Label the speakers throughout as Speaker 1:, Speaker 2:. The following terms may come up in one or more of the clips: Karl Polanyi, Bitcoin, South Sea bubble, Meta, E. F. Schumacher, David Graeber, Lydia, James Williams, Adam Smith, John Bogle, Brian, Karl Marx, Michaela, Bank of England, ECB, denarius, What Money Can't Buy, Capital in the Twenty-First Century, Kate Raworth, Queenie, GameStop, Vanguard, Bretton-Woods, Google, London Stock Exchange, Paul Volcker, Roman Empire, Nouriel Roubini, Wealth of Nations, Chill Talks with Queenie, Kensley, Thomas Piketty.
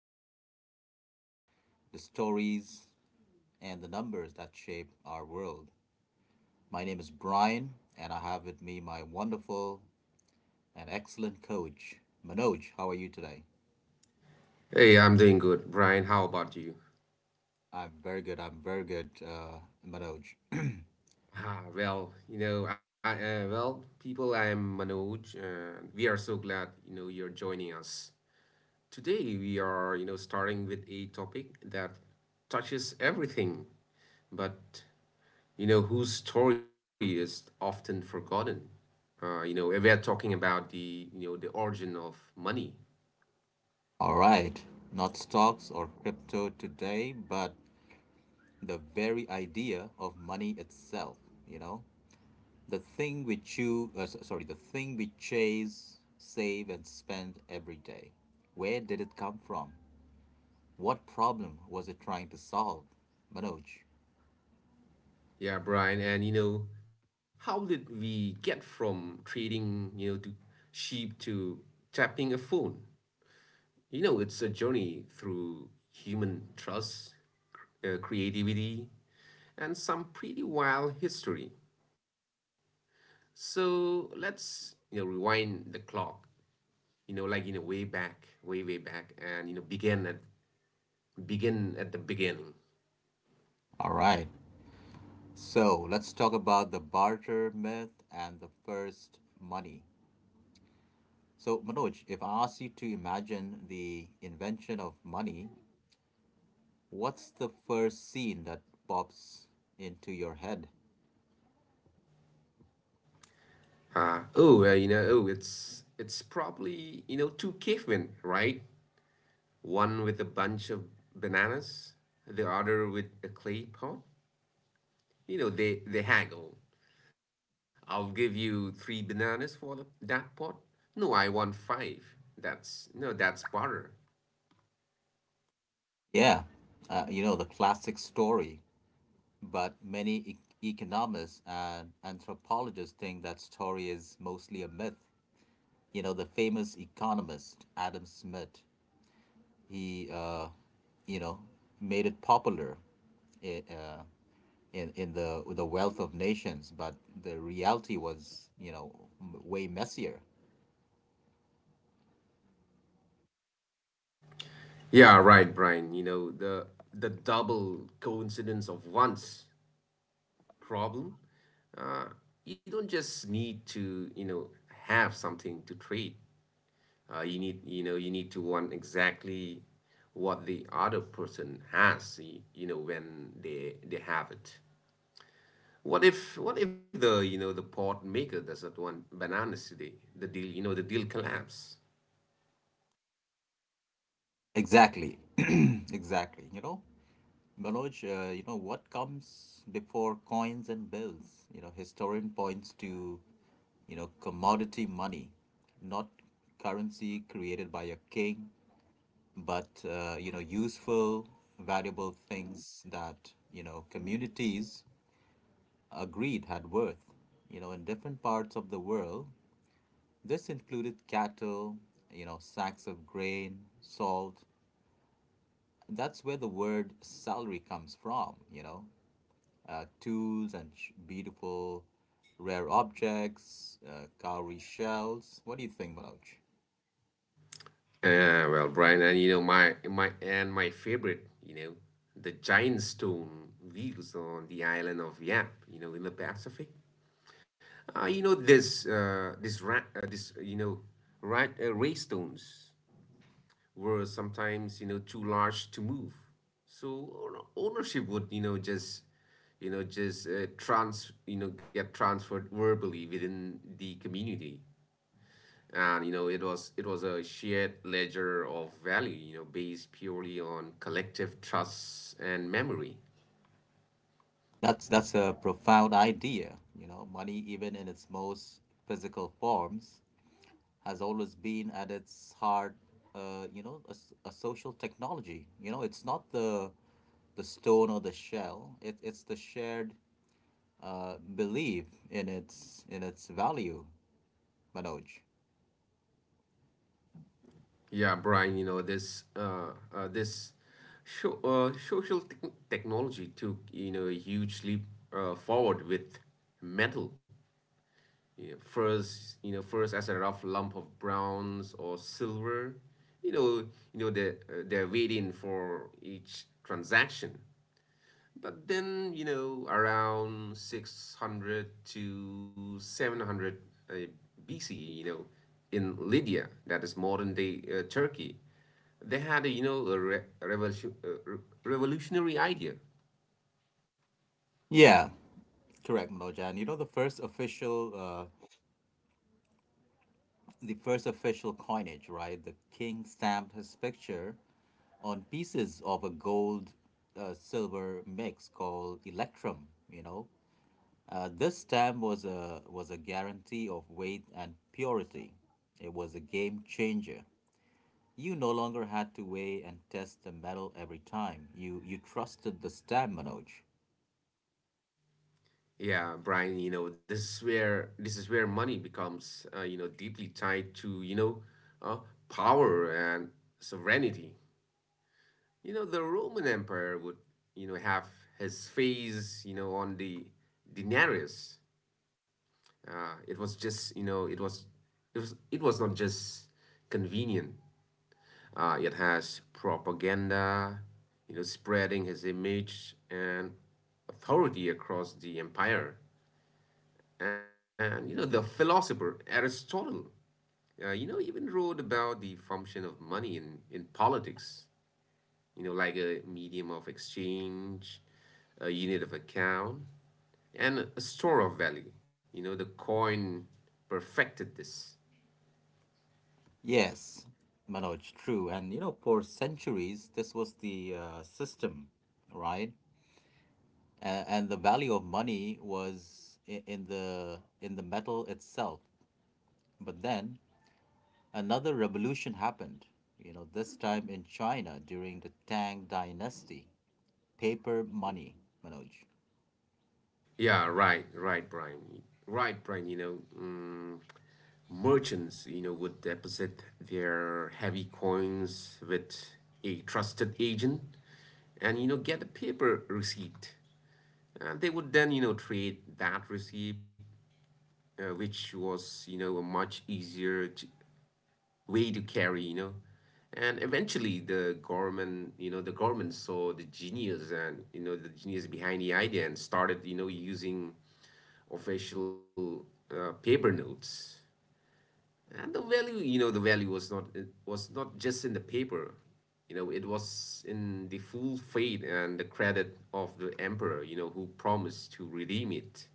Speaker 1: the ideas, the stories, and the numbers that shape our world. My name is Brian, and I have with me my wonderful and excellent coach, Manoj. How are you today?
Speaker 2: Hey, I'm doing good, Brian. How about you?
Speaker 1: I'm very good. I'm very good, Manoj.
Speaker 2: Well, I'm Manoj. We are so glad you're joining us today. We are starting with a topic that touches everything, but whose story is often forgotten. We are talking about the you know the origin of money.
Speaker 1: All right, not stocks or crypto today, but the very idea of money itself, you know? The thing we choose sorry the thing we chase, save, and spend every day. Where did it come from? What problem was it trying to solve, Manoj?
Speaker 2: Yeah, Brian, and how did we get from trading, to sheep to tapping a phone? It's a journey through human trust, creativity, and some pretty wild history. So let's rewind the clock, like, way back, way, way back, and, begin at the beginning.
Speaker 1: All right, so let's talk about the barter myth and the first money. So Manoj, if I ask you to imagine the invention of money, what's the first scene that pops into your head?
Speaker 2: Oh, it's probably, two cavemen, right? One with a bunch of bananas, the other with a clay pot. They haggle. I'll give you three bananas for that pot. No, I want five. That's no, that's barter.
Speaker 1: Yeah, you know, the classic story. But many economists and anthropologists think that story is mostly a myth. You know, the famous economist Adam Smith, he, you know, made it popular i- uh, in the Wealth of Nations, but the reality was, you know, way messier.
Speaker 2: Yeah, right, Brian. You know the double coincidence of once problem. Uh, you don't just need to have something to trade. You need to want exactly what the other person has, when they have it. What if the pot maker doesn't want bananas today? The deal collapse.
Speaker 1: Exactly, exactly. You know, Manoj, what comes before coins and bills? You know, historian points to, you know, commodity money, not currency created by a king, but, you know, useful, valuable things that, you know, communities agreed had worth. You know, in different parts of the world, this included cattle, you know, sacks of grain, salt. That's where the word salary comes from, you know. Tools and beautiful rare objects, cowrie shells. What do you think, Manoj?
Speaker 2: Yeah, well, Brian, and my favorite, the giant stone wheels on the island of Yap, in the Pacific. You know this this ra- this ray stones were sometimes too large to move, so ownership would just trans you know get transferred verbally within the community, and it was a shared ledger of value based purely on collective trust and memory.
Speaker 1: That's a profound idea. You know, money, even in its most physical forms, has always been at its heart, you know, a social technology. You know, it's not the stone or the shell. It's the shared belief in its value, Manoj.
Speaker 2: Yeah, Brian, uh this social technology took a huge leap forward with metal. You First, as a rough lump of bronze or silver, you know they're waiting for each transaction. But then, around 600 to 700 uh, BCE, in lydia, that is modern day turkey, they had a, you know a, revolution, a revolutionary idea.
Speaker 1: Yeah, correct, Manoj. And you know, the first official coinage, right? The king stamped his picture on pieces of a gold silver mix called electrum, you know. This stamp was a guarantee of weight and purity. It was a game changer. You no longer had to weigh and test the metal every time. You trusted the stamp, Manoj.
Speaker 2: Yeah, Brian, this is where money becomes, deeply tied to, uh, power and sovereignty. The Roman Empire would, have his face, on the denarius. It was just, you know, it was not just convenient. It has propaganda, spreading his image and authority across the empire. And the philosopher Aristotle, even wrote about the function of money in politics, like a medium of exchange, a unit of account, and a store of value. The coin perfected this.
Speaker 1: Yes, Manoj, true. And you know, for centuries, this was the system, right? And the value of money was in, in the metal itself, but then another revolution happened. You know, this time in China during the Tang Dynasty, paper money, Manoj.
Speaker 2: Yeah, right, Brian. Right, Brian, merchants, would deposit their heavy coins with a trusted agent and, get a paper receipt. They would then, trade that receipt, which was, a much easier way to carry. And eventually, the government saw the genius and, the genius behind the idea and started, using official paper notes. And the value, the value was not just in the paper, it was in the full faith and the credit of the emperor, who promised to redeem it.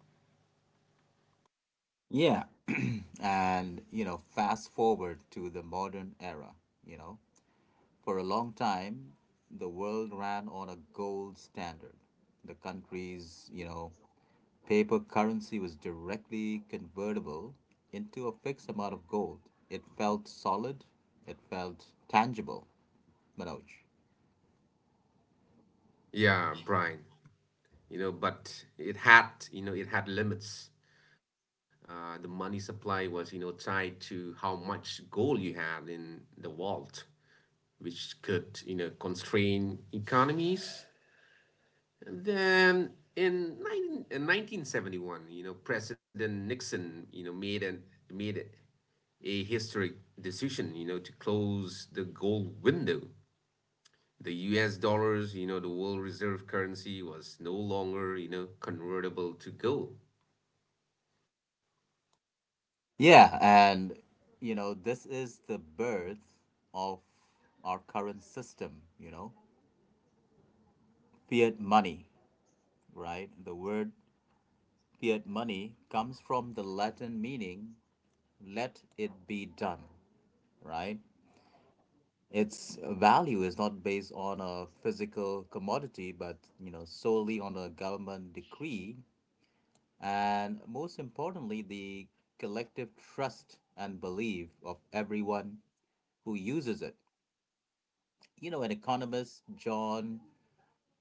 Speaker 1: Yeah. And you know, fast forward to the modern era, you know, for a long time, the world ran on a gold standard. The country's, you know, paper currency was directly convertible into a fixed amount of gold. It felt solid, it felt tangible, Manoj.
Speaker 2: Yeah, Brian. But it had limits. The money supply was, tied to how much gold you had in the vault, which could, constrain economies. And then in 19, in 1971, President Nixon, made a historic decision, to close the gold window. The US dollars, the world reserve currency, was no longer, convertible to gold.
Speaker 1: Yeah, and you know, this is the birth of our current system, you know, fiat money, right? The word fiat money comes from the Latin meaning let it be done. Right? Its value is not based on a physical commodity, but you know, solely on a government decree, and most importantly, the collective trust and belief of everyone who uses it. You know, an economist, John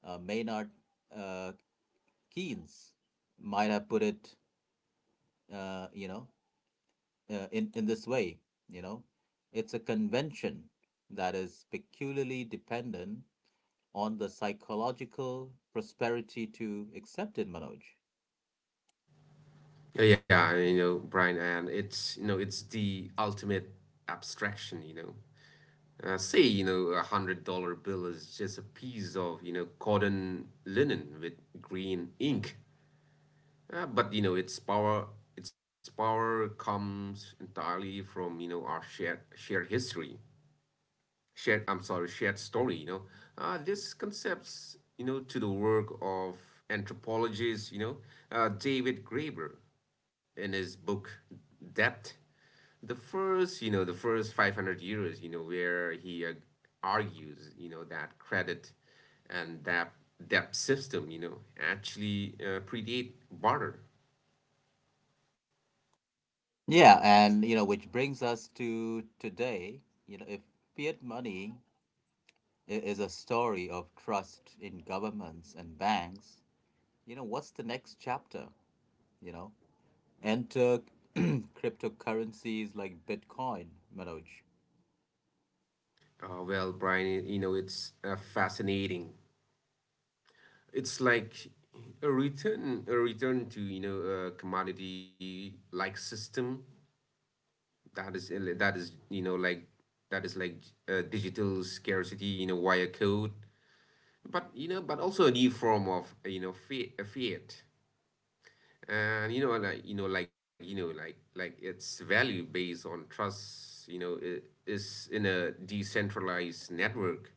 Speaker 1: Maynard uh, Keynes, might have put it, uh, you know, in this way, you know, it's a convention that is peculiarly dependent on the psychological prosperity to accept it, Manoj.
Speaker 2: Yeah, Brian, and it's the ultimate abstraction. Say, $100 bill is just a piece of, cotton linen with green ink. But, its power comes entirely from, our shared, shared history shared I'm sorry shared story. This concepts, to the work of anthropologist, david graeber, in his book depth, the first 500 years, where he argues that credit and that debt system actually predate barter.
Speaker 1: Yeah, and you know, which brings us to today. You know, if fiat money is a story of trust in governments and banks, you know, what's the next chapter? You know, enter cryptocurrencies like Bitcoin, Manoj.
Speaker 2: Well, Brian, it's fascinating. It's like a return to a commodity like system that is uh, that is you know like that is like digital scarcity, wire code, but but also a new form of fiat. And like its value based on trust, is in a decentralized network,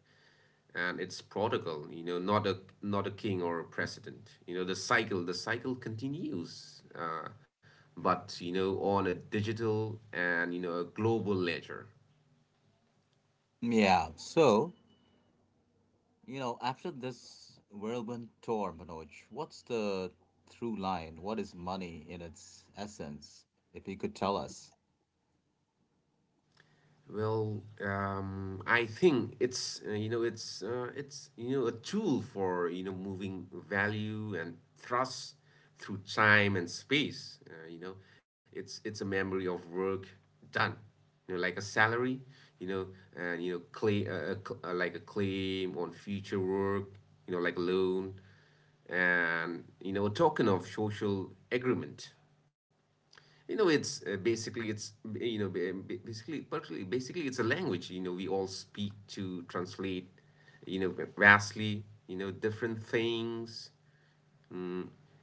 Speaker 2: and it's prodigal, not a king or a president. The cycle continues, but on a digital and a global ledger.
Speaker 1: Yeah, so, you know, after this whirlwind tour, Manoj, what's the through line? What is money in its essence? If you could tell us.
Speaker 2: Well, I think it's it's a tool for moving value and trust through time and space. It's a memory of work done. Like a salary. You know, and claim, like a claim on future work. Like a loan, and a token of social agreement. You know, it's basically it's you know ba- ba- basically it's a language. We all speak to translate vastly different things.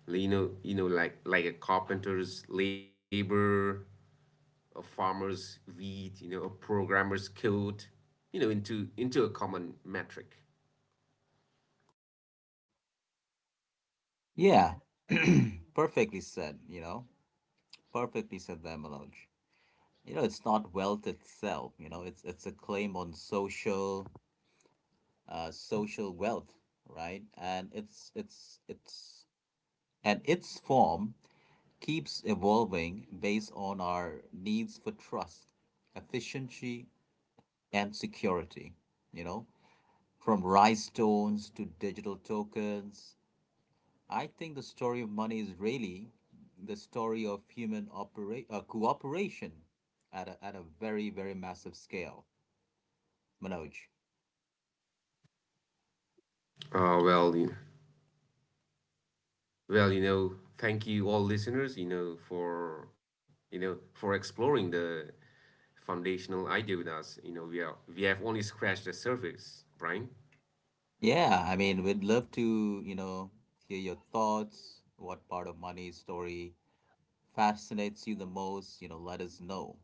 Speaker 2: Like a carpenter's labor, a farmer's wheat, a programmer's code, into a common metric.
Speaker 1: Yeah, perfectly said, you know. Perfectly said there, Manoj. You know, it's not wealth itself, you know, it's a claim on social social wealth, right? And it's and its form keeps evolving based on our needs for trust, efficiency, and security, you know, from rice stones to digital tokens. I think the story of money is really the story of human cooperation at a very, very massive scale, Manoj.
Speaker 2: Uh, well, you know, Well, thank you all listeners, for exploring the foundational idea with us. We have only scratched the surface, Brian.
Speaker 1: Yeah, I mean, we'd love to, you know, hear your thoughts. What part of money's story fascinates you the most? You know, let us know.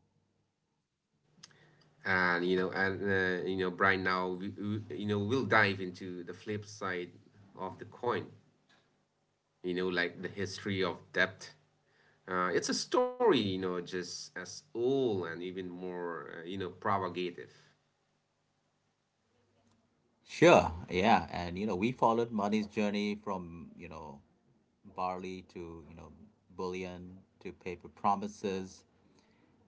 Speaker 2: And, Brian, now we you know we'll dive into the flip side of the coin. Like the history of debt. It's a story, just as old and even more, provocative.
Speaker 1: Sure. Yeah. And, you know, we followed money's journey from, you know, barley to, you know, bullion to paper promises,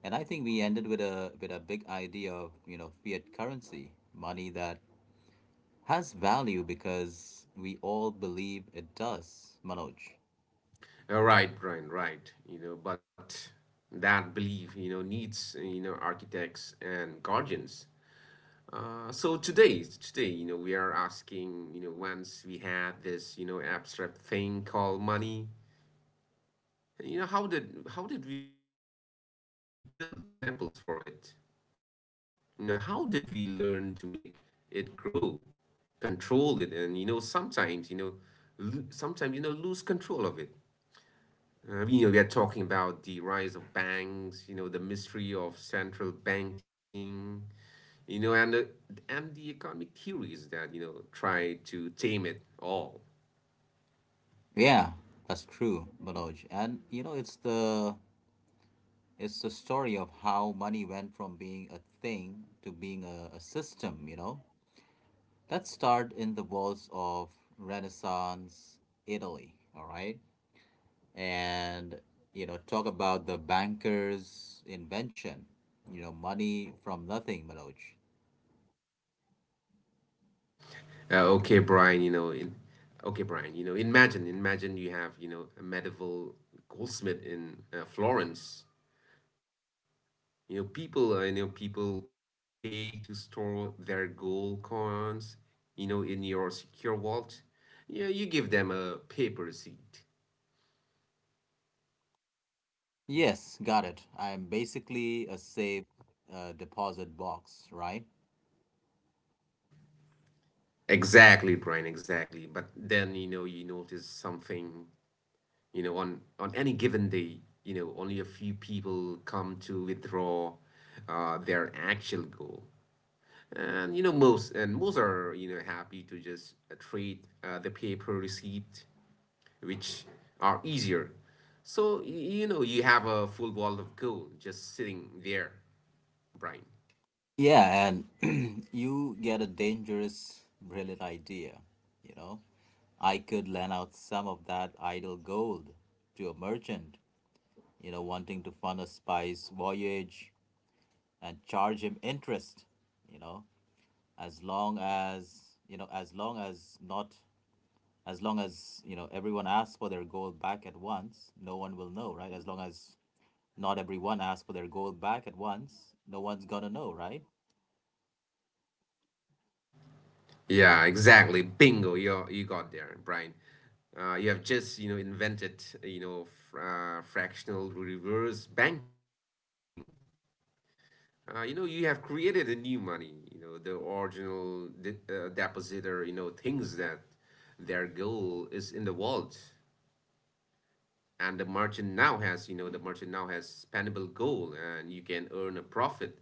Speaker 1: and I think we ended with a, with a big idea of, you know, fiat currency, money that has value because we all believe it does, Manoj.
Speaker 2: Right, Brian, right. But that belief, needs, architects and guardians. So today, we are asking, once we had this, abstract thing called money, how did we build temples for it? How did we learn to make it grow, control it, and sometimes lose control of it. We are talking about the rise of banks, the mystery of central banking, you know, and, uh, and the economic theories that, try to tame it all.
Speaker 1: Yeah, that's true, Manoj. And you know, it's the, it's the story of how money went from being a thing to being a system, you know. Let's start in the walls of Renaissance Italy, all right? And, you know, talk about the banker's invention, you know, money from nothing, Manoj.
Speaker 2: Uh, okay, Brian, you know, in, okay, Brian, imagine you have, a medieval goldsmith in Florence. People, pay to store their gold coins, in your secure vault. You give them a paper receipt.
Speaker 1: Yes, got it. I'm basically a safe deposit box, right?
Speaker 2: Exactly, Brian, exactly. But then, you notice something, on any given day, only a few people come to withdraw their actual goal. And most are, happy to just trade the paper receipt, which are easier. So, you have a full wall of gold just sitting there, Brian.
Speaker 1: Yeah, and you get a dangerous, brilliant idea. You know, I could lend out some of that idle gold to a merchant, you know, wanting to fund a spice voyage, and charge him interest, you know, as long as you know as long as not as long as you know everyone asks for their gold back at once no one will know right as long as not everyone asks for their gold back at once, no one's gonna know, right?
Speaker 2: Yeah, exactly. Bingo. You got there, Brian. You have just invented fractional reverse banking. You have created a new money. The original depositor thinks that their goal is in the vault, and the merchant now has spendable gold, and you can earn a profit.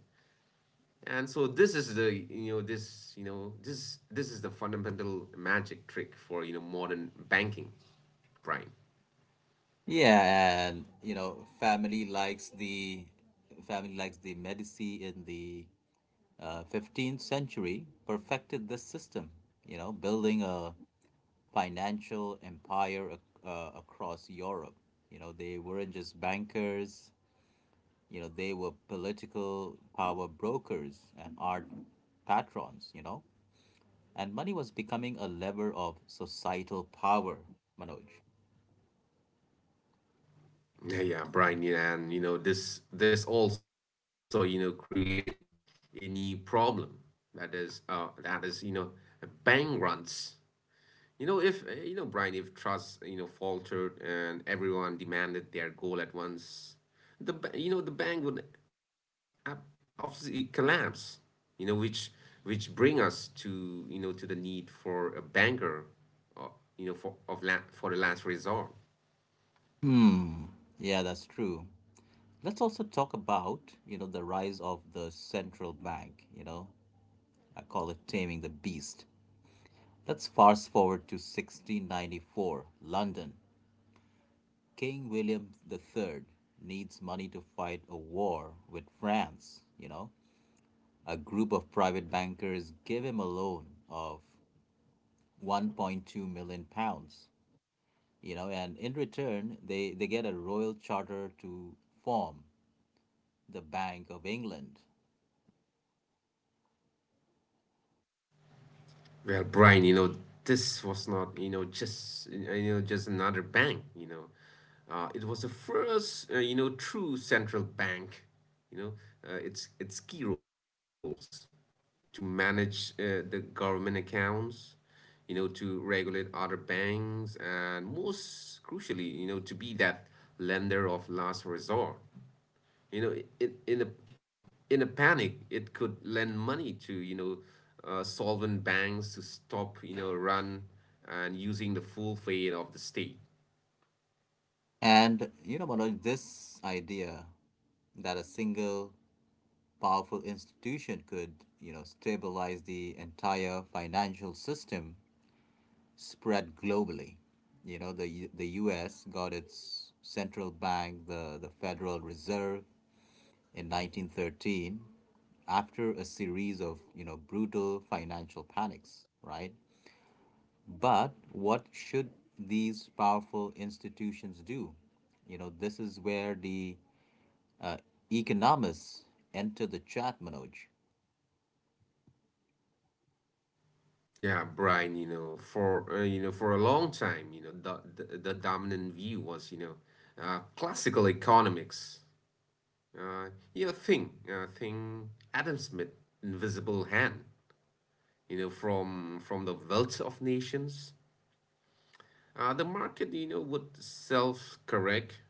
Speaker 2: And so this is the fundamental magic trick for modern banking, Brian.
Speaker 1: Yeah, and you know, family likes the Medici in the 15th century perfected this system, you know, building a financial empire across Europe. You know, they weren't just bankers. You know, they were political power brokers and art patrons, you know, and money was becoming a lever of societal power, Manoj.
Speaker 2: Yeah, yeah, Brian. Yeah, and this also created a new problem, that is bank runs. If Brian, if trust faltered and everyone demanded their goal at once, the ba- you know the bank would obviously collapse. You know, which which bring us to to the need for a banker, for the last resort.
Speaker 1: Hmm. Yeah, that's true. Let's also talk about, you know, the rise of the central bank, you know. I call it taming the beast. Let's fast forward to 1694, London. King William III needs money to fight a war with France, you know. A group of private bankers gave him a loan of 1.2 million pounds, you know, and in return, they get a royal charter to form the Bank of England.
Speaker 2: Well, Brian, this was not, just another bank, it was the first, true central bank, you know, its key roles to manage the government accounts, you know, to regulate other banks, and most crucially, you know, to be that lender of last resort. you know in in a in a panic it could lend money to solvent banks to stop run and using the full faith of the state.
Speaker 1: And, you know, Manoj, this idea that a single powerful institution could, you know, stabilize the entire financial system spread globally. You know, the U.S. got its central bank, the Federal Reserve, in 1913 after a series of, you know, brutal financial panics, right? But what should these powerful institutions do? You know, this is where the economists enter the chat, Manoj.
Speaker 2: Yeah, Brian. For a long time, you know, the dominant view was, classical economics, uh, you know thing thing Adam Smith, invisible hand, from The Wealth of Nations. The market, you know, would self correct.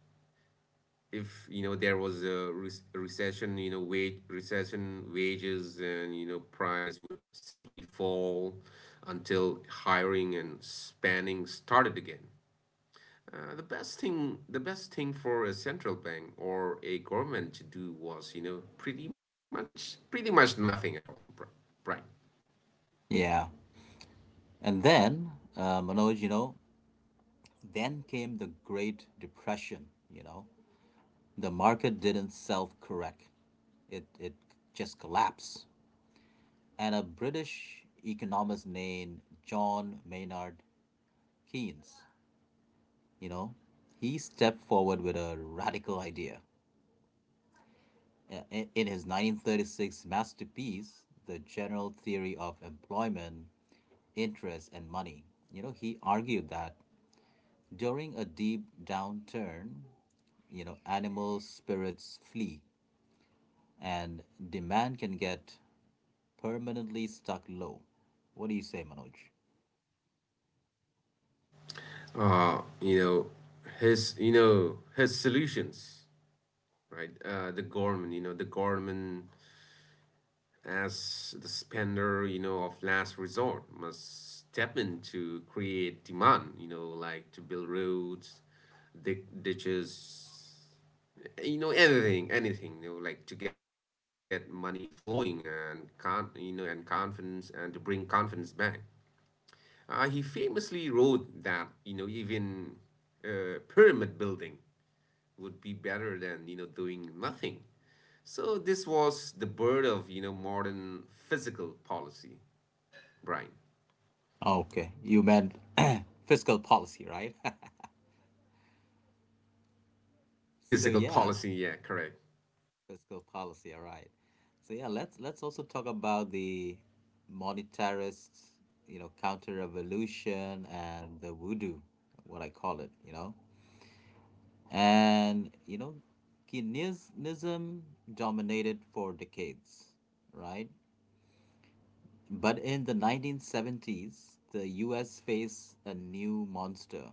Speaker 2: If, you know, there was a recession, you know, wages and, you know, price would simply fall until hiring and spanning started again. The best thing for a central bank or a government to do was, you know, pretty much nothing at all, right?
Speaker 1: Yeah, and then, Manoj, you know, then came the Great Depression. You know, the market didn't self correct, it just collapsed. And a British economist named John Maynard Keynes. You know, he stepped forward with a radical idea. I- In his 1936 masterpiece, The General Theory of Employment, Interest, and Money, you know, he argued that during a deep downturn, you know, animal spirits flee and demand can get permanently stuck low. What do you say, Manoj?
Speaker 2: uh, you know his you know his solutions, right? The government, as the spender, you know, of last resort, must step in to create demand, you know, like to build roads, dig ditches, you know, anything, you know, like to get money flowing and and confidence and to bring confidence back. He famously wrote that, you know, even pyramid building would be better than, doing nothing. So this was the birth of, modern physical policy, Brian.
Speaker 1: Okay, you meant fiscal policy, right?
Speaker 2: Yeah,
Speaker 1: So
Speaker 2: physical
Speaker 1: yeah,
Speaker 2: policy. Yeah, correct.
Speaker 1: fiscal policy, all right. So yeah, let's also talk about the monetarist, you know, counter revolution and the voodoo, what I call it, you know. And you know, Keynesianism dominated for decades, right? But in the 1970s, the US faced a new monster,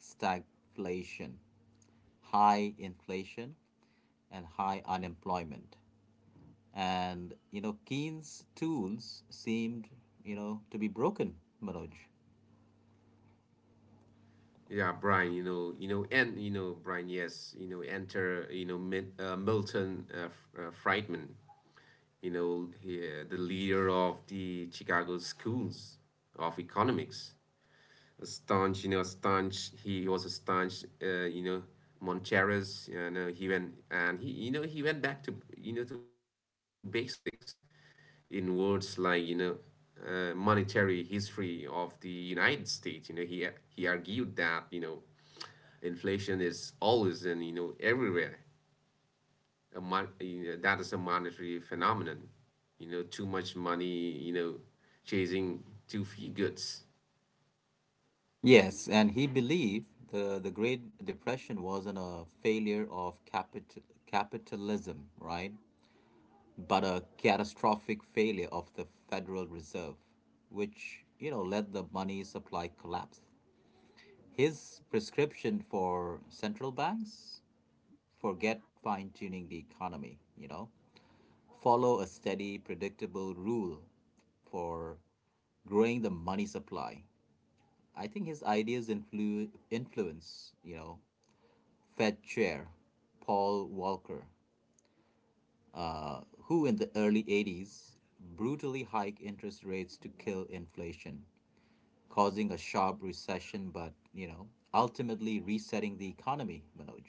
Speaker 1: stagflation, high inflation, and high unemployment. And, you know, Keynes' tools seemed, you know, to be broken, Manoj.
Speaker 2: Yeah, Brian. Brian. Yes, you know, enter, Milton Friedman. You know, the leader of the Chicago schools of economics. Staunch, you know, staunch. He was a staunch, Monteras. You know, he went back to, to basics in words like, monetary history of the United States. You know, he argued that, you know, inflation is always and, you know, everywhere. A mon- you know, that is a monetary phenomenon. You know, too much money, you know, chasing too few goods.
Speaker 1: Yes, and he believed the Great Depression wasn't a failure of capitalism, right? But a catastrophic failure of the Federal Reserve, which, you know, led the money supply collapse. His prescription for central banks. Forget fine tuning the economy, you know. Follow a steady, predictable rule for growing the money supply. I think his ideas influence, you know, Fed chair Paul Volcker, who in the early 80s brutally hiked interest rates to kill inflation, causing a sharp recession, but, you know, ultimately resetting the economy, Manoj.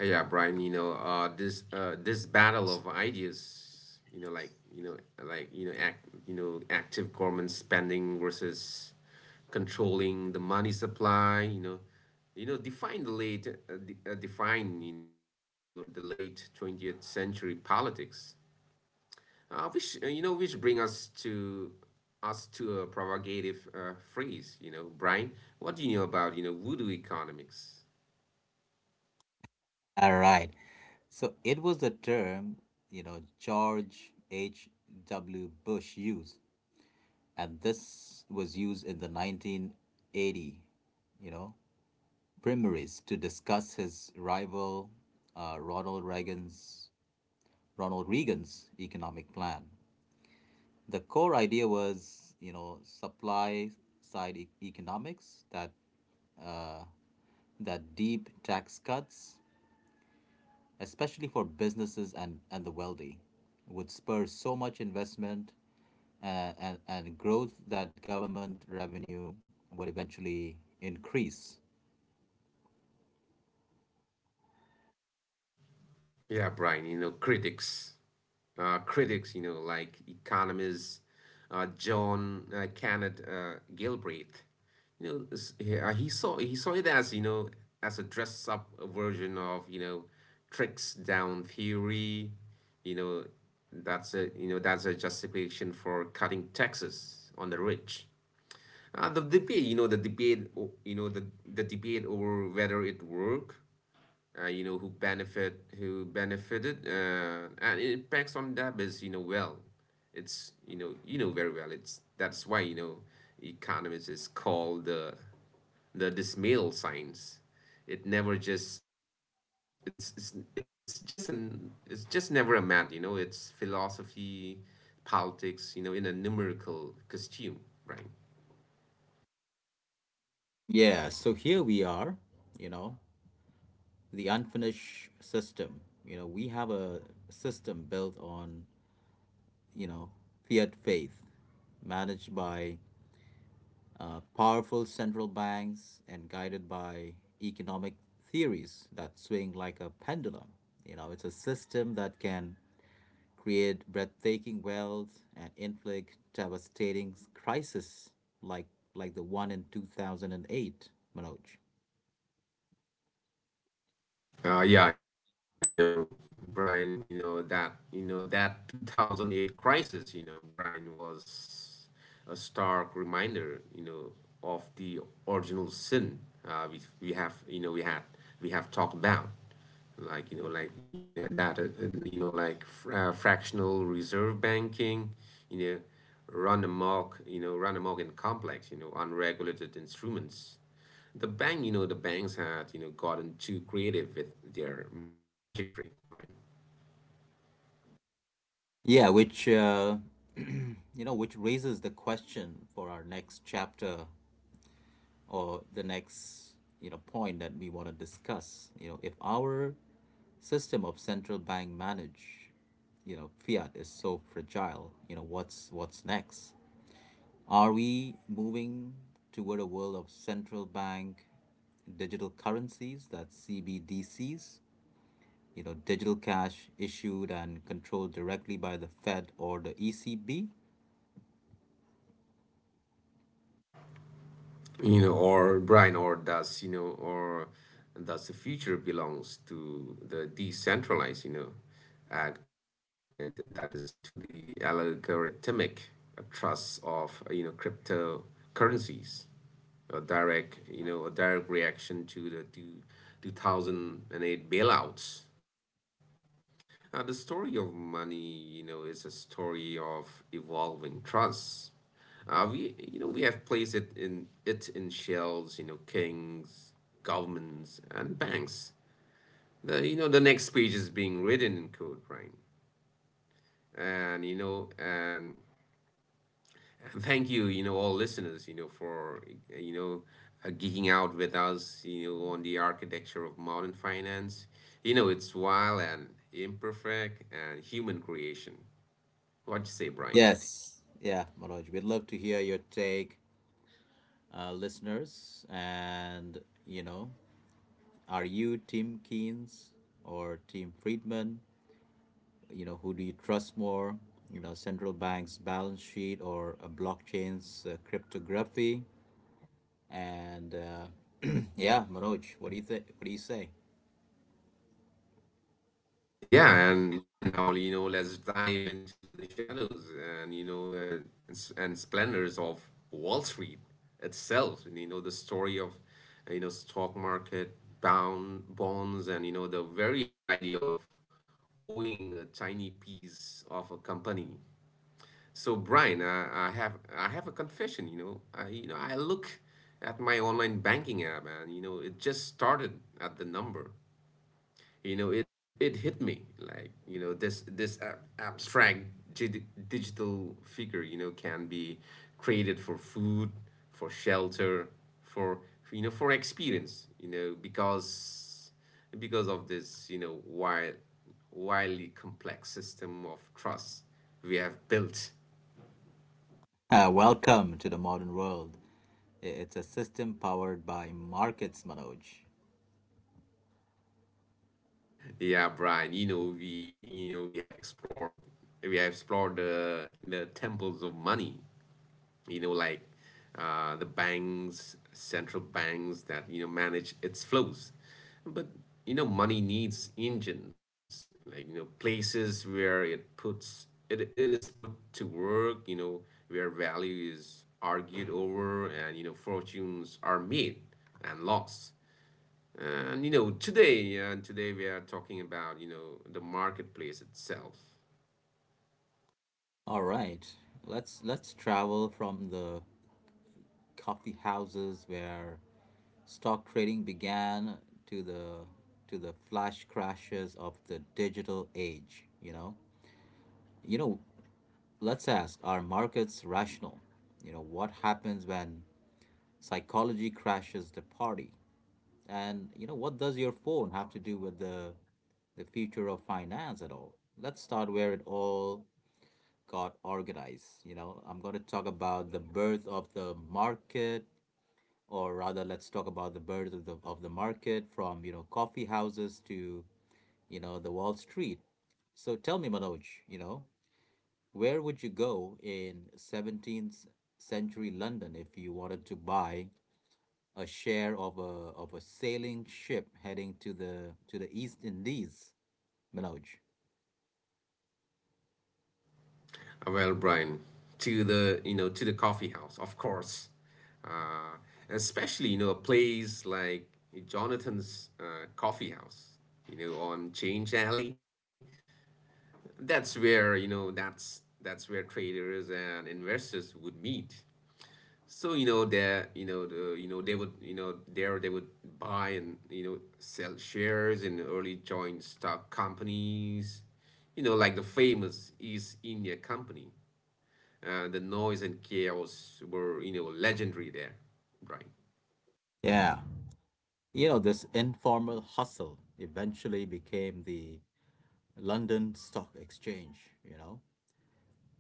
Speaker 2: Brian, you know, this battle of ideas, you know, like you know, like you know, act, you know, active government spending versus controlling the money supply, you know, define the late, de define, you know, the late 20th century politics, which bring us to a provocative phrase, you know, Brian, what do you know about, you know, voodoo economics?
Speaker 1: All right. So it was the term, you know, George H.W. Bush used, and this was used in the 1980, you know, primaries to discuss his rival uh, Ronald Reagan's Ronald Reagan's economic plan. The core idea was, you know, supply side economics, that uh, deep tax cuts, especially for businesses and the wealthy, would spur so much investment and growth that government revenue would eventually increase.
Speaker 2: Yeah, Brian, you know, critics, you know, like economists, John Kenneth Galbraith, you know, he saw, it as, you know, as a dress up version of, you know, tricks down theory, you know, that's a, that's a justification for cutting taxes on the rich. The debate, you know, the debate, o- you know, the debate over whether it worked, who benefited, and it impacts on that is, well, it's, very well, it's that's why, you know, economists is called the dismal science. It never just it's just an it's just never a math, you know, it's philosophy, politics, you know, in a numerical costume, right?
Speaker 1: Yeah, so here we are, you know, the unfinished system. You know, we have a system built on, you know, fiat faith, managed by powerful central banks and guided by economic theories that swing like a pendulum. It's a system that can create breathtaking wealth and inflict devastating crises like like the one in 2008, Manoj.
Speaker 2: Uh, yeah, you know, Brian, that 2008 crisis, you know, Brian, was a stark reminder, you know, of the original sin. Uh, we we have, you know, we had, we have talked about, like you know that you know like fr- fractional reserve banking, you know, run amok and complex, you know, unregulated instruments. The banks had, you know, gotten too creative with their magic trick, Brian.
Speaker 1: Yeah, which which raises the question for our next chapter or the next point that we want to discuss. If our system of central bank manage, fiat is so fragile, what's next? Are we moving toward a world of central bank digital currencies, that's CBDCs, digital cash issued and controlled directly by the Fed or the ECB?
Speaker 2: You know, or Brian, or does, you know, or does the future belongs to the decentralized, and that is to the algorithmic trust of, you know, cryptocurrencies, a direct reaction to the 2008 bailouts. The story of money, you know, is a story of evolving trust. We have placed it in, it in shells, you know, kings, governments, and banks. The you know The next page is being written in code, right? And, and thank you, you know, all listeners, you know, for uh, you know, geeking out with us, you know, on the architecture of modern finance. You know, it's wild and imperfect and human creation. What you say, Brian?
Speaker 1: Yes. Yeah, Manoj, we'd love to hear your take, listeners. And, you know, are you Team Keynes or Team Friedman? Who do you trust more? Central bank's balance sheet or a blockchain's cryptography? And yeah, Manoj, what do you think? What do you say?
Speaker 2: Yeah, and Brian, now, you know, let's dive into the shadows and, and splendors of Wall Street itself. And, you know, the story of, stock market, bound bonds, and, you know, the very idea of owing a tiny piece of a company. So Brian, I have a confession. You know, I look at my online banking app, and, you know, it just started at the number. It hit me like, you know, abstract digital figure, you know, can be created for food, for shelter, for, for experience, you know, because, of this, you know, wildly complex system of trust we have built.
Speaker 1: Welcome to the modern world. It's a system powered by markets, Manoj.
Speaker 2: Yeah, Brian, we have explored the temples of money, you know, like the banks, central banks that, you know, manage its flows. But, you know, money needs engines, like, you know, places where it is put to work, you know, where value is argued over and, you know, fortunes are made and lost. And, you know, today we are talking about, you know, the marketplace itself.
Speaker 1: All right, let's travel from the coffee houses where stock trading began to the flash crashes of the digital age? You know, let's ask, are markets rational? What happens when psychology crashes the party? And, what does your phone have to do with the future of finance at all? Let's start where it all got organized. I'm going to talk about the birth of the market, or rather, let's talk about the birth of the market, from coffee houses to the Wall Street. So tell me, Manoj, you know, where would you go in 17th century London if you wanted to buy a share of a sailing ship heading to the East Indies, Manoj.
Speaker 2: Well, Brian, to the you know to the coffee house, of course. Uh, especially, you know, a place like Jonathan's coffee house, you know, on Change Alley. That's where, that's where traders and investors would meet. So, you know there you know the you know they would you know there they would buy and, you know, sell shares in early joint stock companies, you know, like the famous East India Company. The noise and chaos were, you know, legendary there, Brian.
Speaker 1: Yeah. This informal hustle eventually became the London Stock Exchange, you know.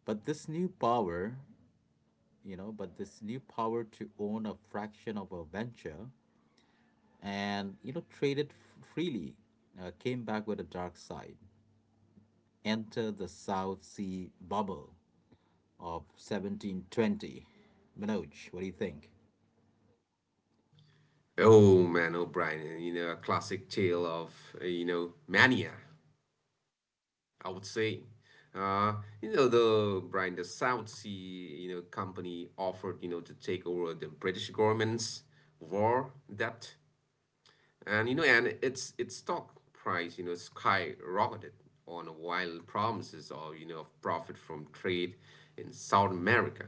Speaker 1: But this new power, but this new power to own a fraction of a venture and, trade it freely came back with a dark side. Enter the South Sea bubble of 1720. Manoj, what do you think?
Speaker 2: Oh, Brian, you know, a classic tale of, you know, mania, I would say. You know, the Brian, the South Sea, you know, company offered, you know, to take over the British government's war debt, and, you know, and its stock price, you know, skyrocketed on wild promises of, you know, of profit from trade in South America.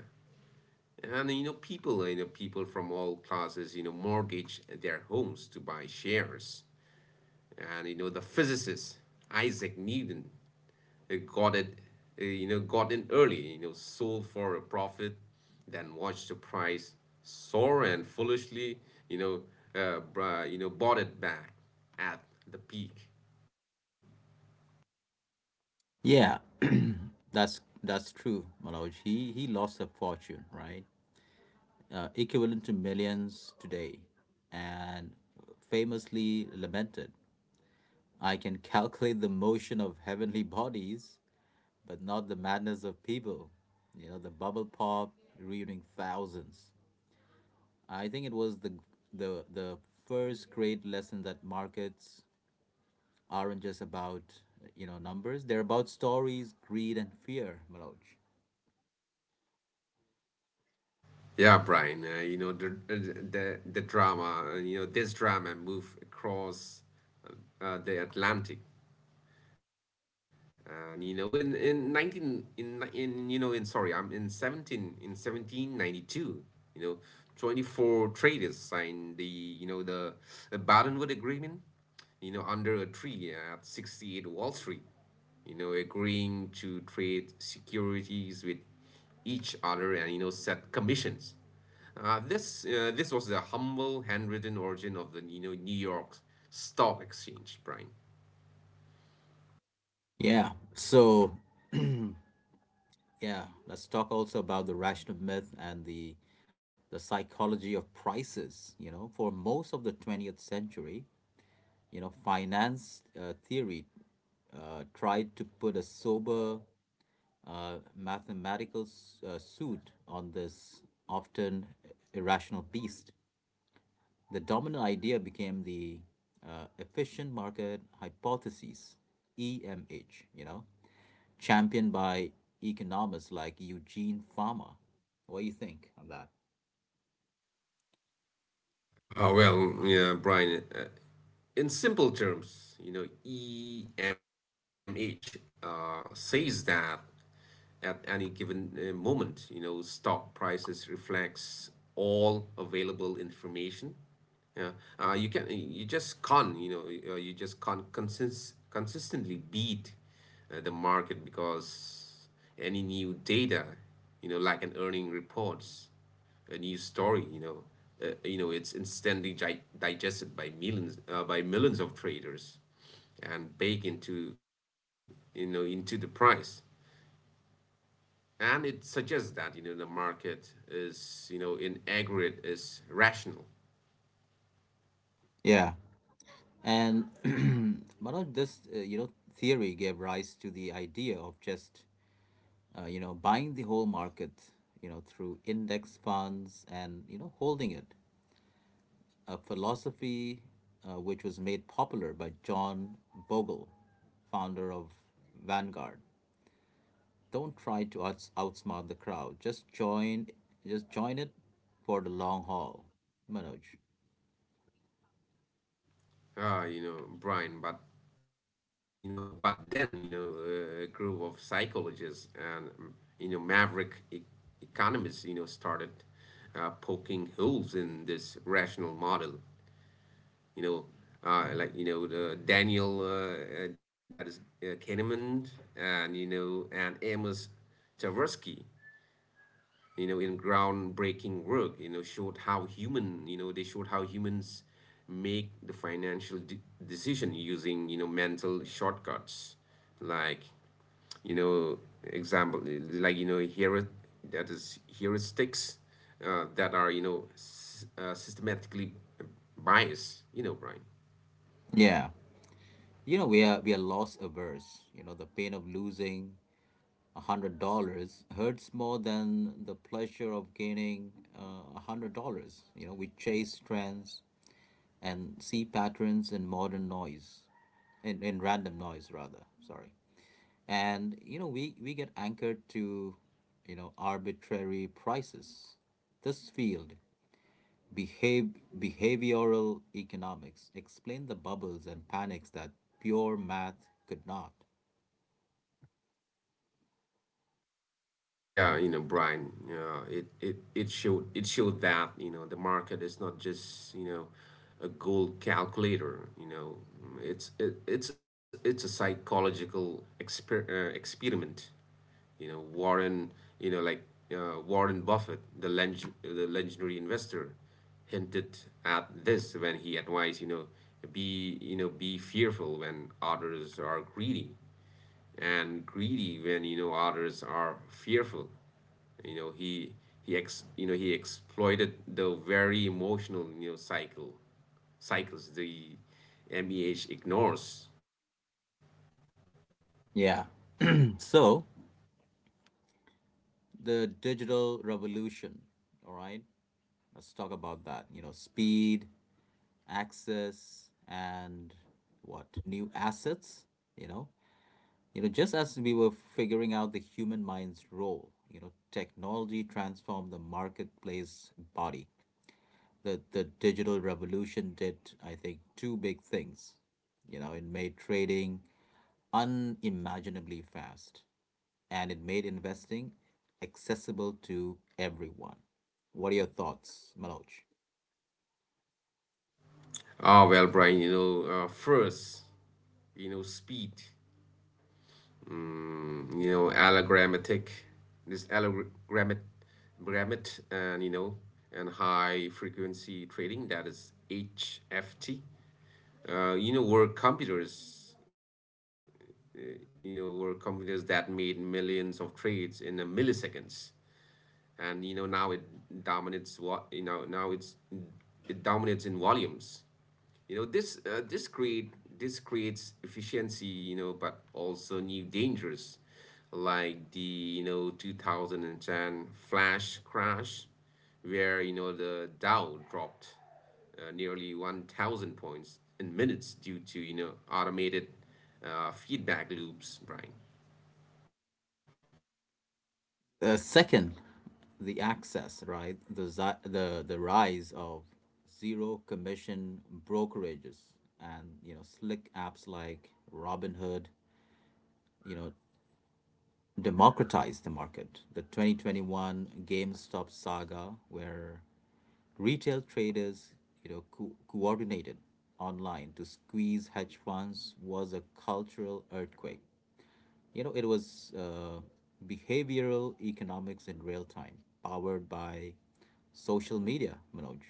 Speaker 2: And, you know, people from all classes, you know, mortgage their homes to buy shares. And, you know, the physicist Isaac Newton uh, got it, got in early. You know, sold for a profit, then watched the price soar and foolishly, you know, bought it back at the peak.
Speaker 1: Yeah, that's true, Manoj. He lost a fortune, right? Equivalent to millions today, and famously lamented, "I can calculate the motion of heavenly bodies, but not the madness of people." The bubble pop reuniting thousands. I think it was the first great lesson that markets aren't just about numbers; they're about stories, greed, and fear, Manoj.
Speaker 2: Yeah, Brian. The drama. You know, this drama moved across the Atlantic and, you know in 19 in you know in sorry I'm in 17 in 1792, you know, 24 traders signed the Bretton-Woods agreement, you know, under a tree at 68 Wall Street, you know, agreeing to trade securities with each other and, you know, set commissions. This was the humble handwritten origin of the, New York Stock Exchange, Brian.
Speaker 1: Yeah. So yeah, let's talk also about the rational myth and the psychology of prices. For most of the 20th century, finance theory tried to put a sober mathematical suit on this often irrational beast. The dominant idea became the efficient market hypothesis, EMH, championed by economists like Eugene Farmer. What do you think of that?
Speaker 2: Oh, well, yeah, Brian, in simple terms, you know, EMH says that at any given moment, you know, stock prices reflects all available information. Yeah, you can you just can't you know y- you just can't consist consistently beat the market, because any new data, you know, like an earning reports, a new story, it's instantly digested by millions, of traders and baked into, into the price. And it suggests that, you know, the market is, you know, in aggregate is rational.
Speaker 1: Yeah, and Manoj, this theory gave rise to the idea of just buying the whole market, through index funds and holding it, a philosophy which was made popular by John Bogle, founder of Vanguard. Don't try to outsmart the crowd. Just join it for the long haul, Manoj.
Speaker 2: Ah, you know, Brian, but, a group of psychologists and, maverick economists, you know, started poking holes in this rational model. You know, the Daniel that is Kahneman, and Amos Tversky, in groundbreaking work, you know showed how human you know they showed how humans make the decision using mental shortcuts, like, you know example like you know here that is, heuristics that are systematically biased, Brian.
Speaker 1: Yeah, we are loss averse. The pain of losing $100 hurts more than the pleasure of gaining $100. We chase trends, and see patterns in modern noise, in random noise rather, sorry. And, we get anchored to, arbitrary prices. This field, behave, behavioral economics, explain the bubbles and panics that pure math could not.
Speaker 2: Yeah, Brian, it showed that, the market is not just, a gold calculator, It's it's a psychological experiment. You know, Warren, you know, like Warren Buffett, the legendary investor, hinted at this when he advised, you know, be fearful when others are greedy, and greedy when others are fearful. you know he you know, he exploited the very emotional cycles the MEH ignores.
Speaker 1: Yeah. So the digital revolution, all right? Let's talk about that. Speed, access and what new assets, you know just as we were figuring out the human mind's role, technology transformed the marketplace body. The digital revolution did, I think, two big things. It made trading unimaginably fast and it made investing accessible to everyone. What are your thoughts, Manoj?
Speaker 2: Well, Brian, first, speed. You know, allogrammatic this allogrammat grammat and you know and high frequency trading, that is HFT, you know, were computers that made millions of trades in a milliseconds. And you know, now it dominates what you know, now it's it dominates in volumes. You know, this creates efficiency, you know, but also new dangers, like the, you know, 2010 flash crash, where, you know, the Dow dropped nearly 1000 points in minutes due to, you know, automated feedback loops, Brian.
Speaker 1: Second, the access, right? The, zi- the rise of zero commission brokerages and slick apps like Robinhood, you know, democratized the market. The 2021 GameStop saga, where retail traders, coordinated online to squeeze hedge funds, was a cultural earthquake. It was behavioral economics in real time, powered by social media, Manoj.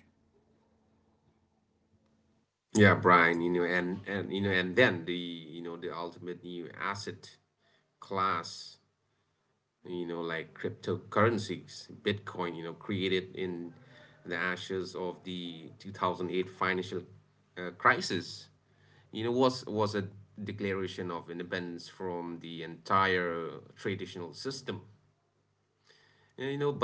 Speaker 2: Yeah, Brian, you know, and you know, and then the you know, the ultimate new asset class, you know, like cryptocurrencies. Bitcoin, you know, created in the ashes of the 2008 financial crisis, was a declaration of independence from the entire traditional system.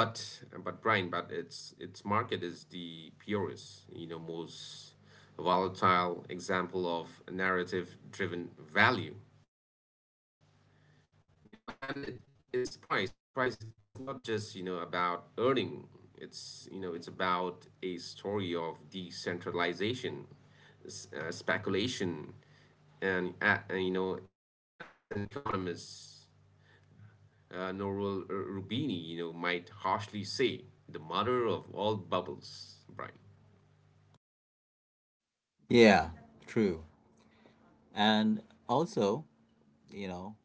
Speaker 2: But Brian, but its market is the purest, you know, most volatile example of narrative-driven value. You know, and it its price is not just, you know, about earning. It's, you know, it's about a story of decentralization, speculation, you know, and as an economist, Noral Rubini, you know, might harshly say, the mother of all bubbles, Brian.
Speaker 1: Yeah, true. And also, you know,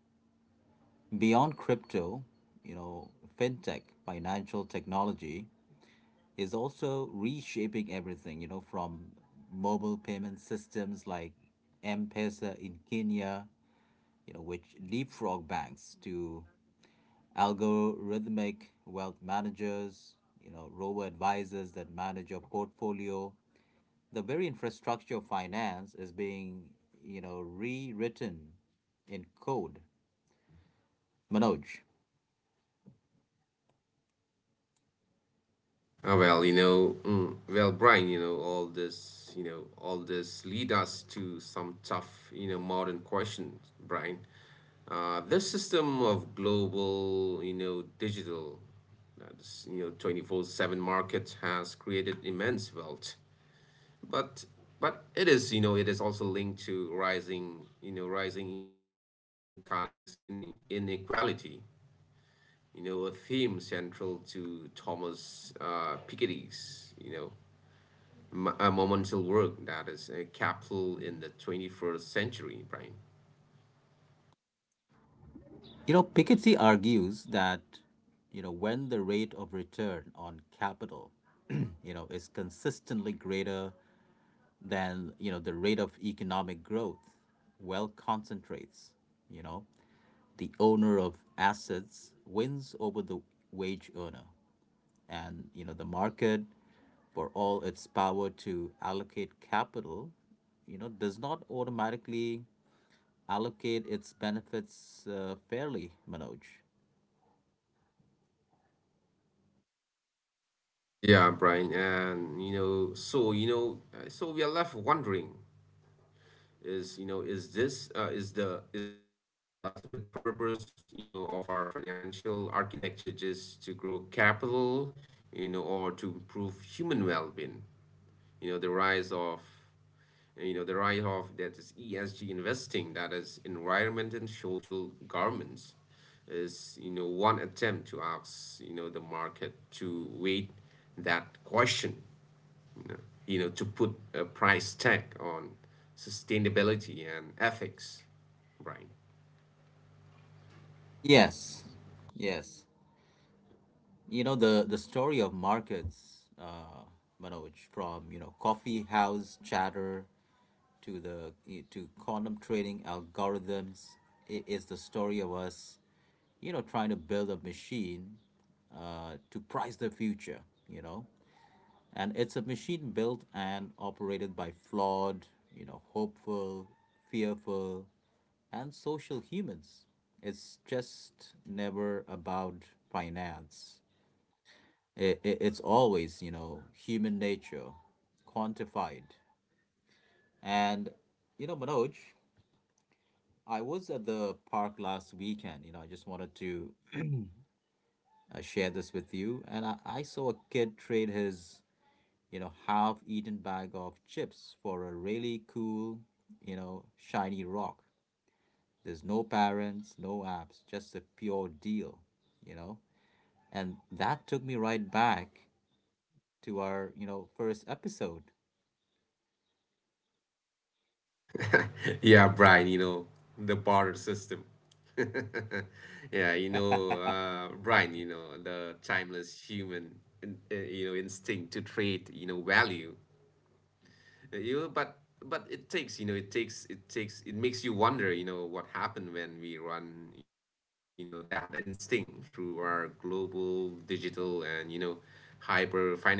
Speaker 1: beyond crypto, you know, fintech, financial technology is also reshaping everything, from mobile payment systems like M-Pesa in Kenya, which leapfrog banks, to algorithmic wealth managers, robo advisors that manage your portfolio. The very infrastructure of finance is being, rewritten in code. Manoj,
Speaker 2: Well, Brian, you know, all this lead us to some tough, you know, modern questions, Brian. This system of global, you know, digital, that's, you know, 24/7 market has created immense wealth, but you know, it is also linked to rising economics inequality, you know, a theme central to Thomas Piketty's, you know, a monumental work, that is, capital in the 21st century, Brian.
Speaker 1: Piketty argues that, when the rate of return on capital, is consistently greater than, the rate of economic growth, wealth concentrates, you know. The owner of assets wins over the wage earner, and the market, for all its power to allocate capital, does not automatically allocate its benefits fairly, Manoj.
Speaker 2: Yeah, Brian, and you know, so we are left wondering, is you know is this is the ultimate purpose, you know, of our financial architecture just to grow capital, or to improve human well-being? you know the rise of the rise of, that is, ESG investing, that is, environment and social governance, is, you know, one attempt to ask, you know, the market to wait that question, you know, to put a price tag on sustainability and ethics, right.
Speaker 1: Yes, yes, the story of markets, Manoj, from coffee house chatter to the to quantum trading algorithms, is the story of us, trying to build a machine, to price the future, you know. And it's a machine built and operated by flawed, hopeful, fearful, and social humans. It's just never about finance. It's always, human nature quantified. And, Manoj, I was at the park last weekend. I just wanted to share this with you. And I saw a kid trade his, half-eaten bag of chips for a really cool, shiny rock. There's no parents, no apps, just a pure deal, you know. And that took me right back to our, first episode.
Speaker 2: Yeah, Brian, you know, the barter system. Yeah, you know, Brian, you know, the timeless human, you know, instinct to trade, you know, value. Uh, You know, but but it takes, you know, it takes, it takes, it makes you wonder, you know, what happened when we run, you know, that instinct through our global, digital, and, you know, hyper financial system,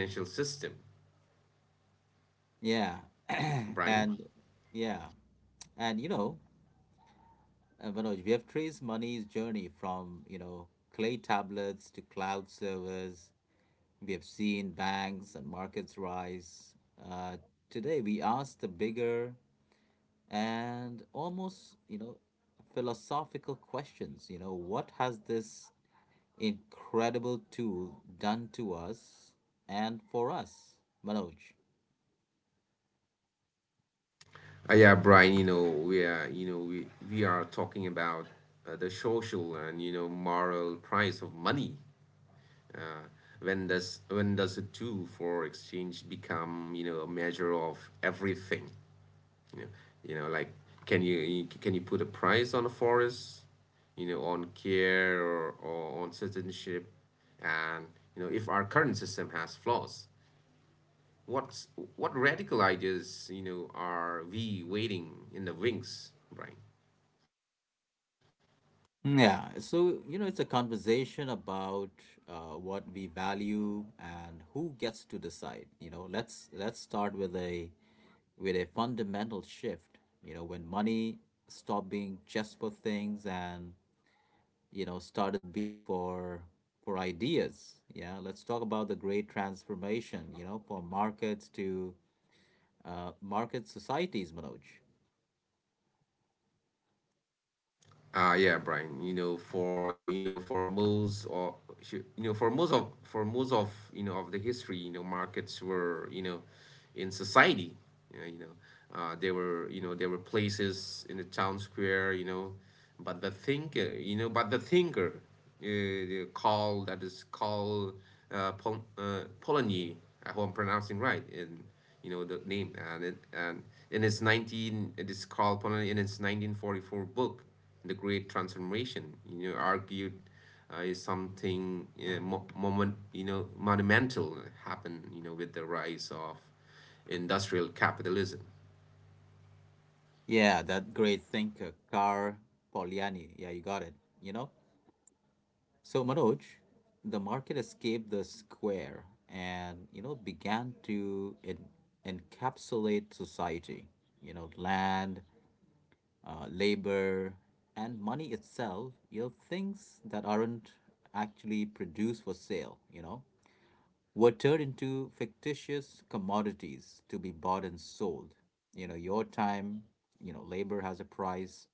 Speaker 1: Yeah,
Speaker 2: Brian.
Speaker 1: and yeah, and, Manoj, we have traced money's journey from clay tablets to cloud servers. We have seen banks and markets rise. Uh, today, we ask the bigger and almost, philosophical questions. What has this incredible tool done to us and for us, Manoj?
Speaker 2: Yeah, Brian, we are talking about the social and, you know, moral price of money. Uh, when does a tool for exchange become, you know, a measure of everything? You know, like, can you put a price on a forest, you know, on care, or on citizenship? And, you know, if our current system has flaws, What's what radical ideas, you know, are we waiting in the wings, Brian?
Speaker 1: Yeah, so, it's a conversation about what we value and who gets to decide. Let's start with a fundamental shift. When money stopped being just for things and started being for ideas. Yeah, let's talk about the great transformation. From markets to, market societies, Manoj.
Speaker 2: Yeah, Brian. You know, for most of you know, for most of for most of, you know, of the history, you know, markets were, you know, in society. You know, you know you know, there were places in the town square. You know, but the thinker, you know, but the thinker, the call that is called Pol- Polanyi. I hope I'm pronouncing right. And, you know, the name, and in his 19, it is Karl Polanyi, in his 1944 book The Great Transformation, you know, argued is something mo- moment you know, monumental, happened, you know, with the rise of industrial capitalism.
Speaker 1: Yeah, that great thinker, Carl Polanyi. Yeah, you got it. You know. So, Manoj, the market escaped the square and began to encapsulate society. Land, labor, and money itself. Things that aren't actually produced for sale. Were turned into fictitious commodities to be bought and sold. Your time. Labor has a price.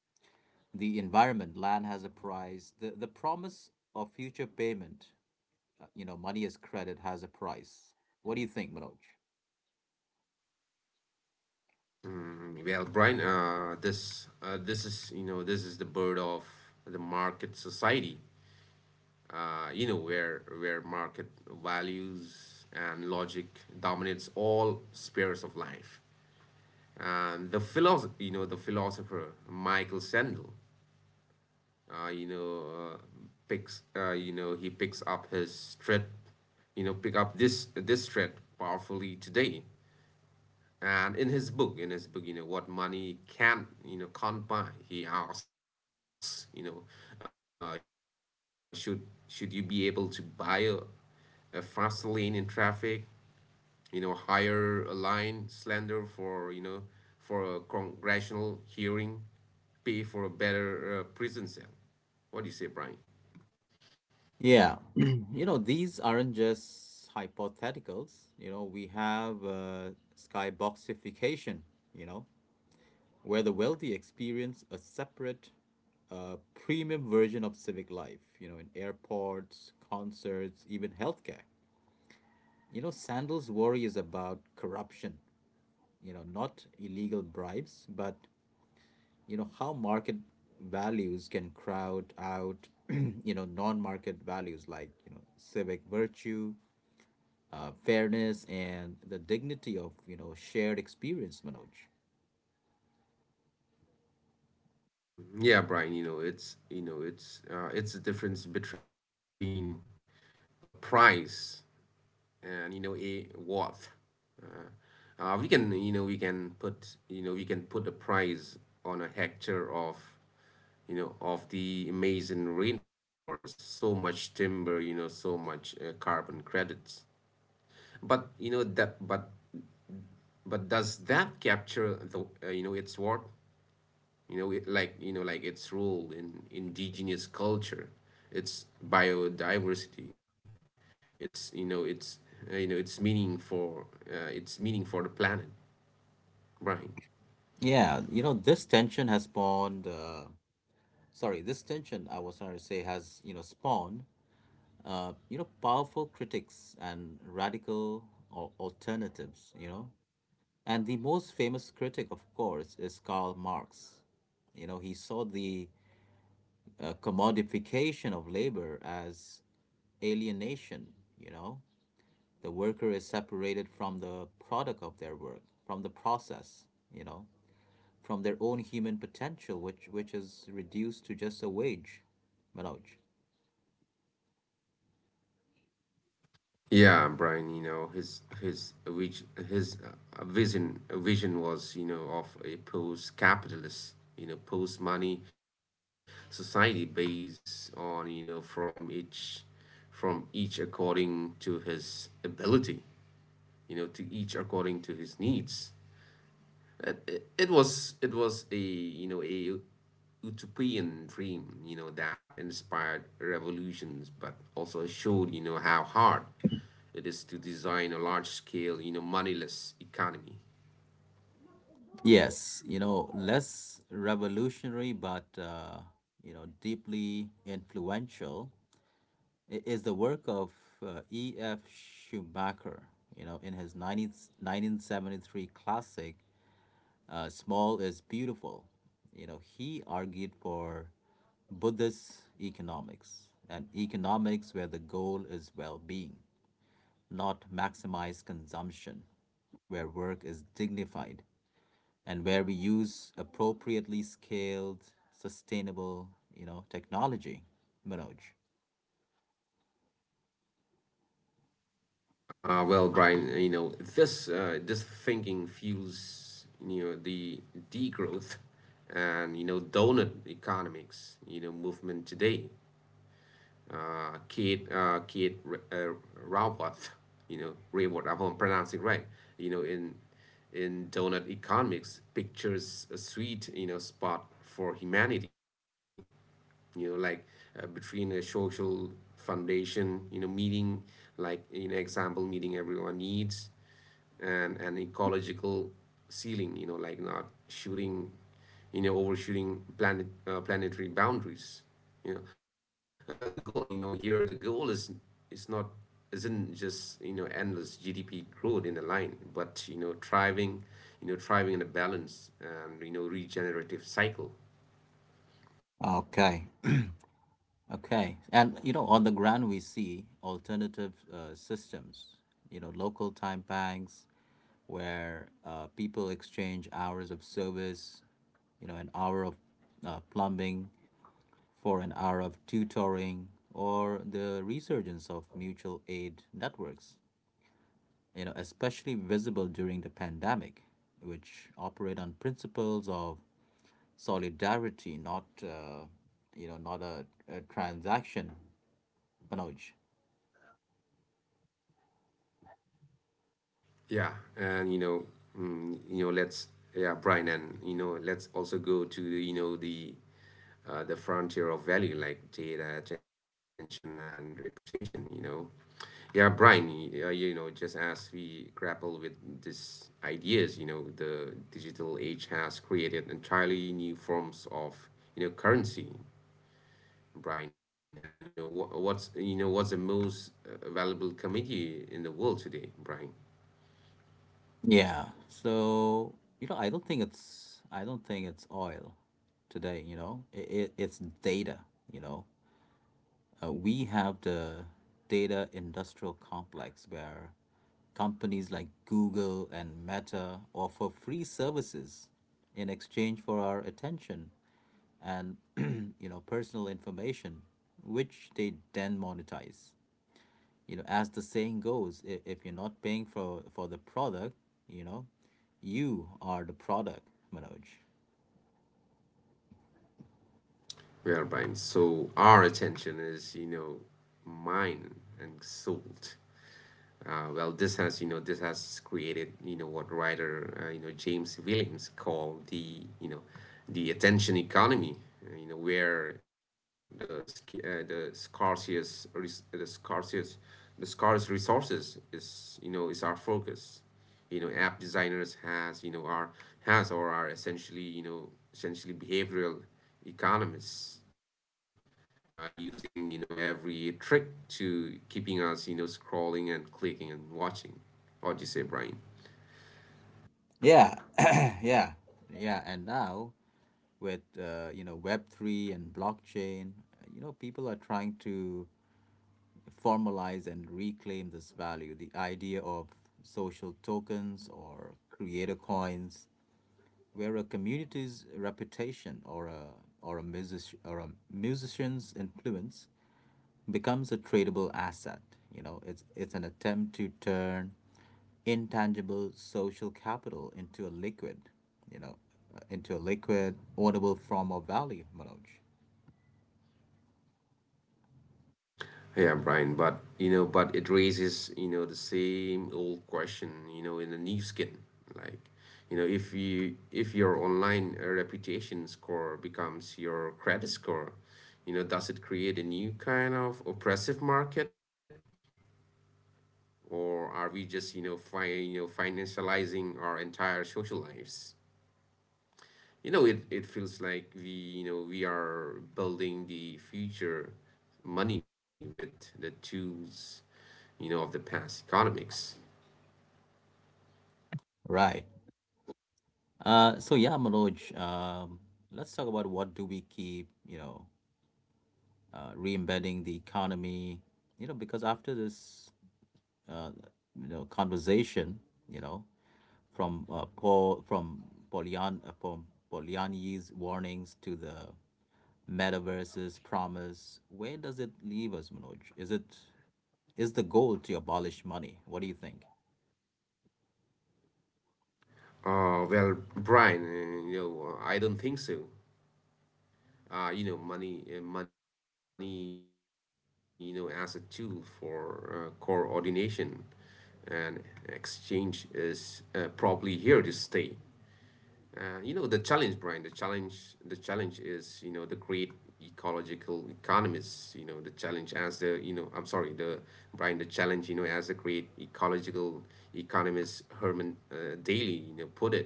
Speaker 1: The environment, land has a price. The promise of future payment, money as credit has a price. What do you think, Manoj?
Speaker 2: Well, Brian, this is the birth of the market society. You know, where market values and logic dominates all spheres of life. And the philosopher, Michael Sandel, you know picks you know he picks up his thread, you know pick up this this thread powerfully today. And in his book, you know, What Money can you know can't buy he asks, uh, should should you be able to buy a fast lane in traffic, you know, hire a line slander for, you know, for a congressional hearing, pay for a better prison cell? What do you say, Brian?
Speaker 1: Yeah, these aren't just hypotheticals. We have, skyboxification, you know, where the wealthy experience a separate, premium version of civic life, in airports, concerts, even healthcare. Sandel's worry is about corruption, not illegal bribes, but how market values can crowd out non-market values like civic virtue, fairness, and the dignity of shared experience, Manoj.
Speaker 2: Yeah, Brian, it's the difference between a price and, you know, a worth. Uh, we can you know we can put you know We can put a price on a hectare of, you know, of the Amazing Rainforest. So much timber, you know, so much carbon credits. But you know that but but does that capture the, you know, its worth? You know, like its role in indigenous culture, its biodiversity, its you know its you know its meaning for, its meaning for the planet, Brian?
Speaker 1: Yeah, this tension has spawned, sorry, this tension, I was trying to say, has spawned, powerful critics and radical or alternatives. And the most famous critic, of course, is Karl Marx. He saw the commodification of labor as alienation, you know? The worker is separated from the product of their work, from the process, you know, from their own human potential, which is reduced to just a wage, Manoj.
Speaker 2: Yeah, Brian, you know, his which his vision vision was, you know, of a post-capitalist, you know, post-money society, based on, you know, from each, according to his ability, you know, to each according to his needs. It was a, you know, a utopian dream, you know, that inspired revolutions, but also showed, you know, how hard it is to design a large scale, you know, moneyless economy.
Speaker 1: Yes, less revolutionary but deeply influential, is the work of E. F. Schumacher. In his 19 1973 classic, Small Is Beautiful. He argued for Buddhist economics, and economics where the goal is well being, not maximized consumption, where work is dignified, and where we use appropriately scaled, sustainable, technology. Manoj.
Speaker 2: Well, Brian, this thinking fuels, you know, the degrowth and, you know, donut economics, you know, movement today. Keith Keith uh, Raworth, Raworth, I hope I'm pronouncing right. You know, in donut economics, pictures a sweet, you know, spot for humanity. You know, like, between a social foundation. You know, meeting, like you know example meeting everyone needs, and an ecological ceiling, you know, like not shooting you know overshooting planet, planetary boundaries, you know. Uh, the goal you know here the goal is not isn't just, you know, endless GDP growth in a line, but, you know, thriving, in a balance and, you know, regenerative cycle.
Speaker 1: Okay. Okay. And, on the ground, we see alternative, systems, local time banks where, people exchange hours of service, an hour of, plumbing for an hour of tutoring, or the resurgence of mutual aid networks, especially visible during the pandemic, which operate on principles of solidarity, not, not a transaction, Manoj.
Speaker 2: Yeah and you know mm, you know let's yeah Brian, and you know, let's also go to, you know, the frontier of value, like data, attention, and reputation. You know, yeah, Brian. You know, just as we grapple with these ideas, you know, the digital age has created entirely new forms of, you know, currency, Brian. And, you know, what's the most valuable commodity in the world today, Brian?
Speaker 1: Yeah. So, I don't think it's oil today. It's data, you know. We have the data industrial complex where companies like Google and Meta offer free services in exchange for our attention and, personal information, which they then monetize. As the saying goes, if you're not paying for the product, you know you are the product, Manoj.
Speaker 2: Well, Brian. So our attention is, mine and sold. This has created, you know, what writer, James Williams called the, you know, the attention economy. You know where the sc- the scarcest res- the scarcest the scarce resources is, you know, is our focus. You know, app designers has you know are has or are essentially, behavioral economists, using, you know, every trick to keeping us, you know, scrolling and clicking and watching. What do you say, Brian?
Speaker 1: Yeah. Yeah, yeah, and now with, web3 and blockchain, people are trying to formalize and reclaim this value, the idea of social tokens or creator coins, where a community's reputation or a music or a musician's influence becomes a tradable asset. It's an attempt to turn intangible social capital you know, into a liquid, ownable form of value, Manoj.
Speaker 2: Yeah, Brian. But, you know, but it raises, you know, the same old question, you know, in a new skin. Like, you know, if you if your online reputation score becomes your credit score, you know, does it create a new kind of oppressive market? Or are we just, you know, you know, financializing our entire social lives? You know, it feels like we, you know, we are building the future money with the tools, you know, of the past economics.
Speaker 1: Right. So yeah, Manoj. Let's talk about what do we keep. Re-embedding the economy. Because after this, uh, conversation, you know from Paul from Polian from Poliani's warnings to the metaverse's promise. Where does it leave us, Manoj? Is the goal to abolish money? What do you think?
Speaker 2: Well, Brian, I don't think so. Money, you know, as a tool for, coordination and exchange, is, probably here to stay. You know the challenge, Brian. The challenge is you know the great ecological economists. You know the challenge as the you know I'm sorry, the Brian, the challenge, you know, as the great ecological economist Herman Daly, you know, put it,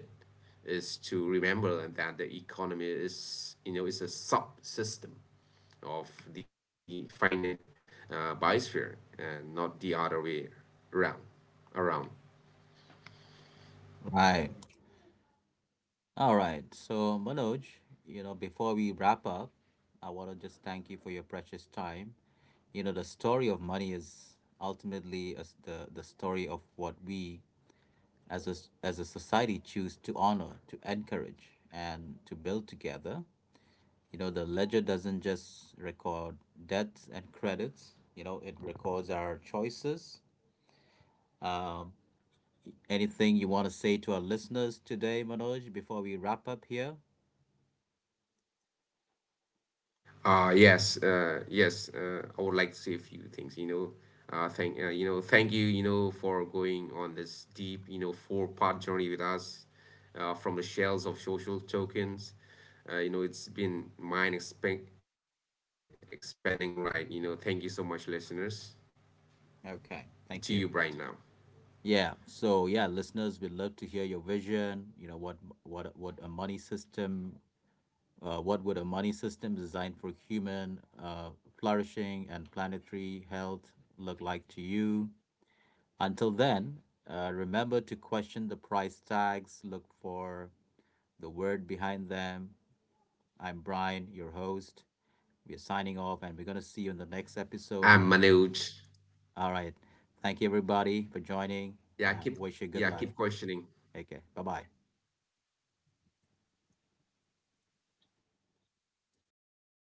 Speaker 2: is to remember that the economy is, you know, is a subsystem of the finite, biosphere, and not the other way around. Around.
Speaker 1: Right. All right. So, Manoj, before we wrap up, I want to just thank you for your precious time. The story of money is ultimately as the story of what we, as a society, choose to honor, to encourage, and to build together. The ledger doesn't just record debts and credits, it records our choices. Um, anything you want to say to our listeners today, Manoj, before we wrap up here?
Speaker 2: Yes. I would like to say a few things. You know, thank you, you know, for going on this deep, you know, four-part journey with us, from the shells of social tokens. You know, it's been mind expand expanding, right? You know, thank you so much, listeners.
Speaker 1: Okay,
Speaker 2: To
Speaker 1: thank
Speaker 2: you,
Speaker 1: you.
Speaker 2: right now.
Speaker 1: Yeah, so yeah, listeners, we'd love to hear your vision. You know what what a money system what would a money system designed for human, flourishing and planetary health look like to you? Until then, remember to question the price tags, look for the word behind them. I'm Brian, your host. We are signing off and we're going to see you in the next episode.
Speaker 2: I'm
Speaker 1: Yeah.
Speaker 2: Manoj.
Speaker 1: All right. Thank you, everybody, for joining. Uh,
Speaker 2: Yeah, keep
Speaker 1: wish you good luck.
Speaker 2: yeah, keep questioning.
Speaker 1: Okay. Bye bye.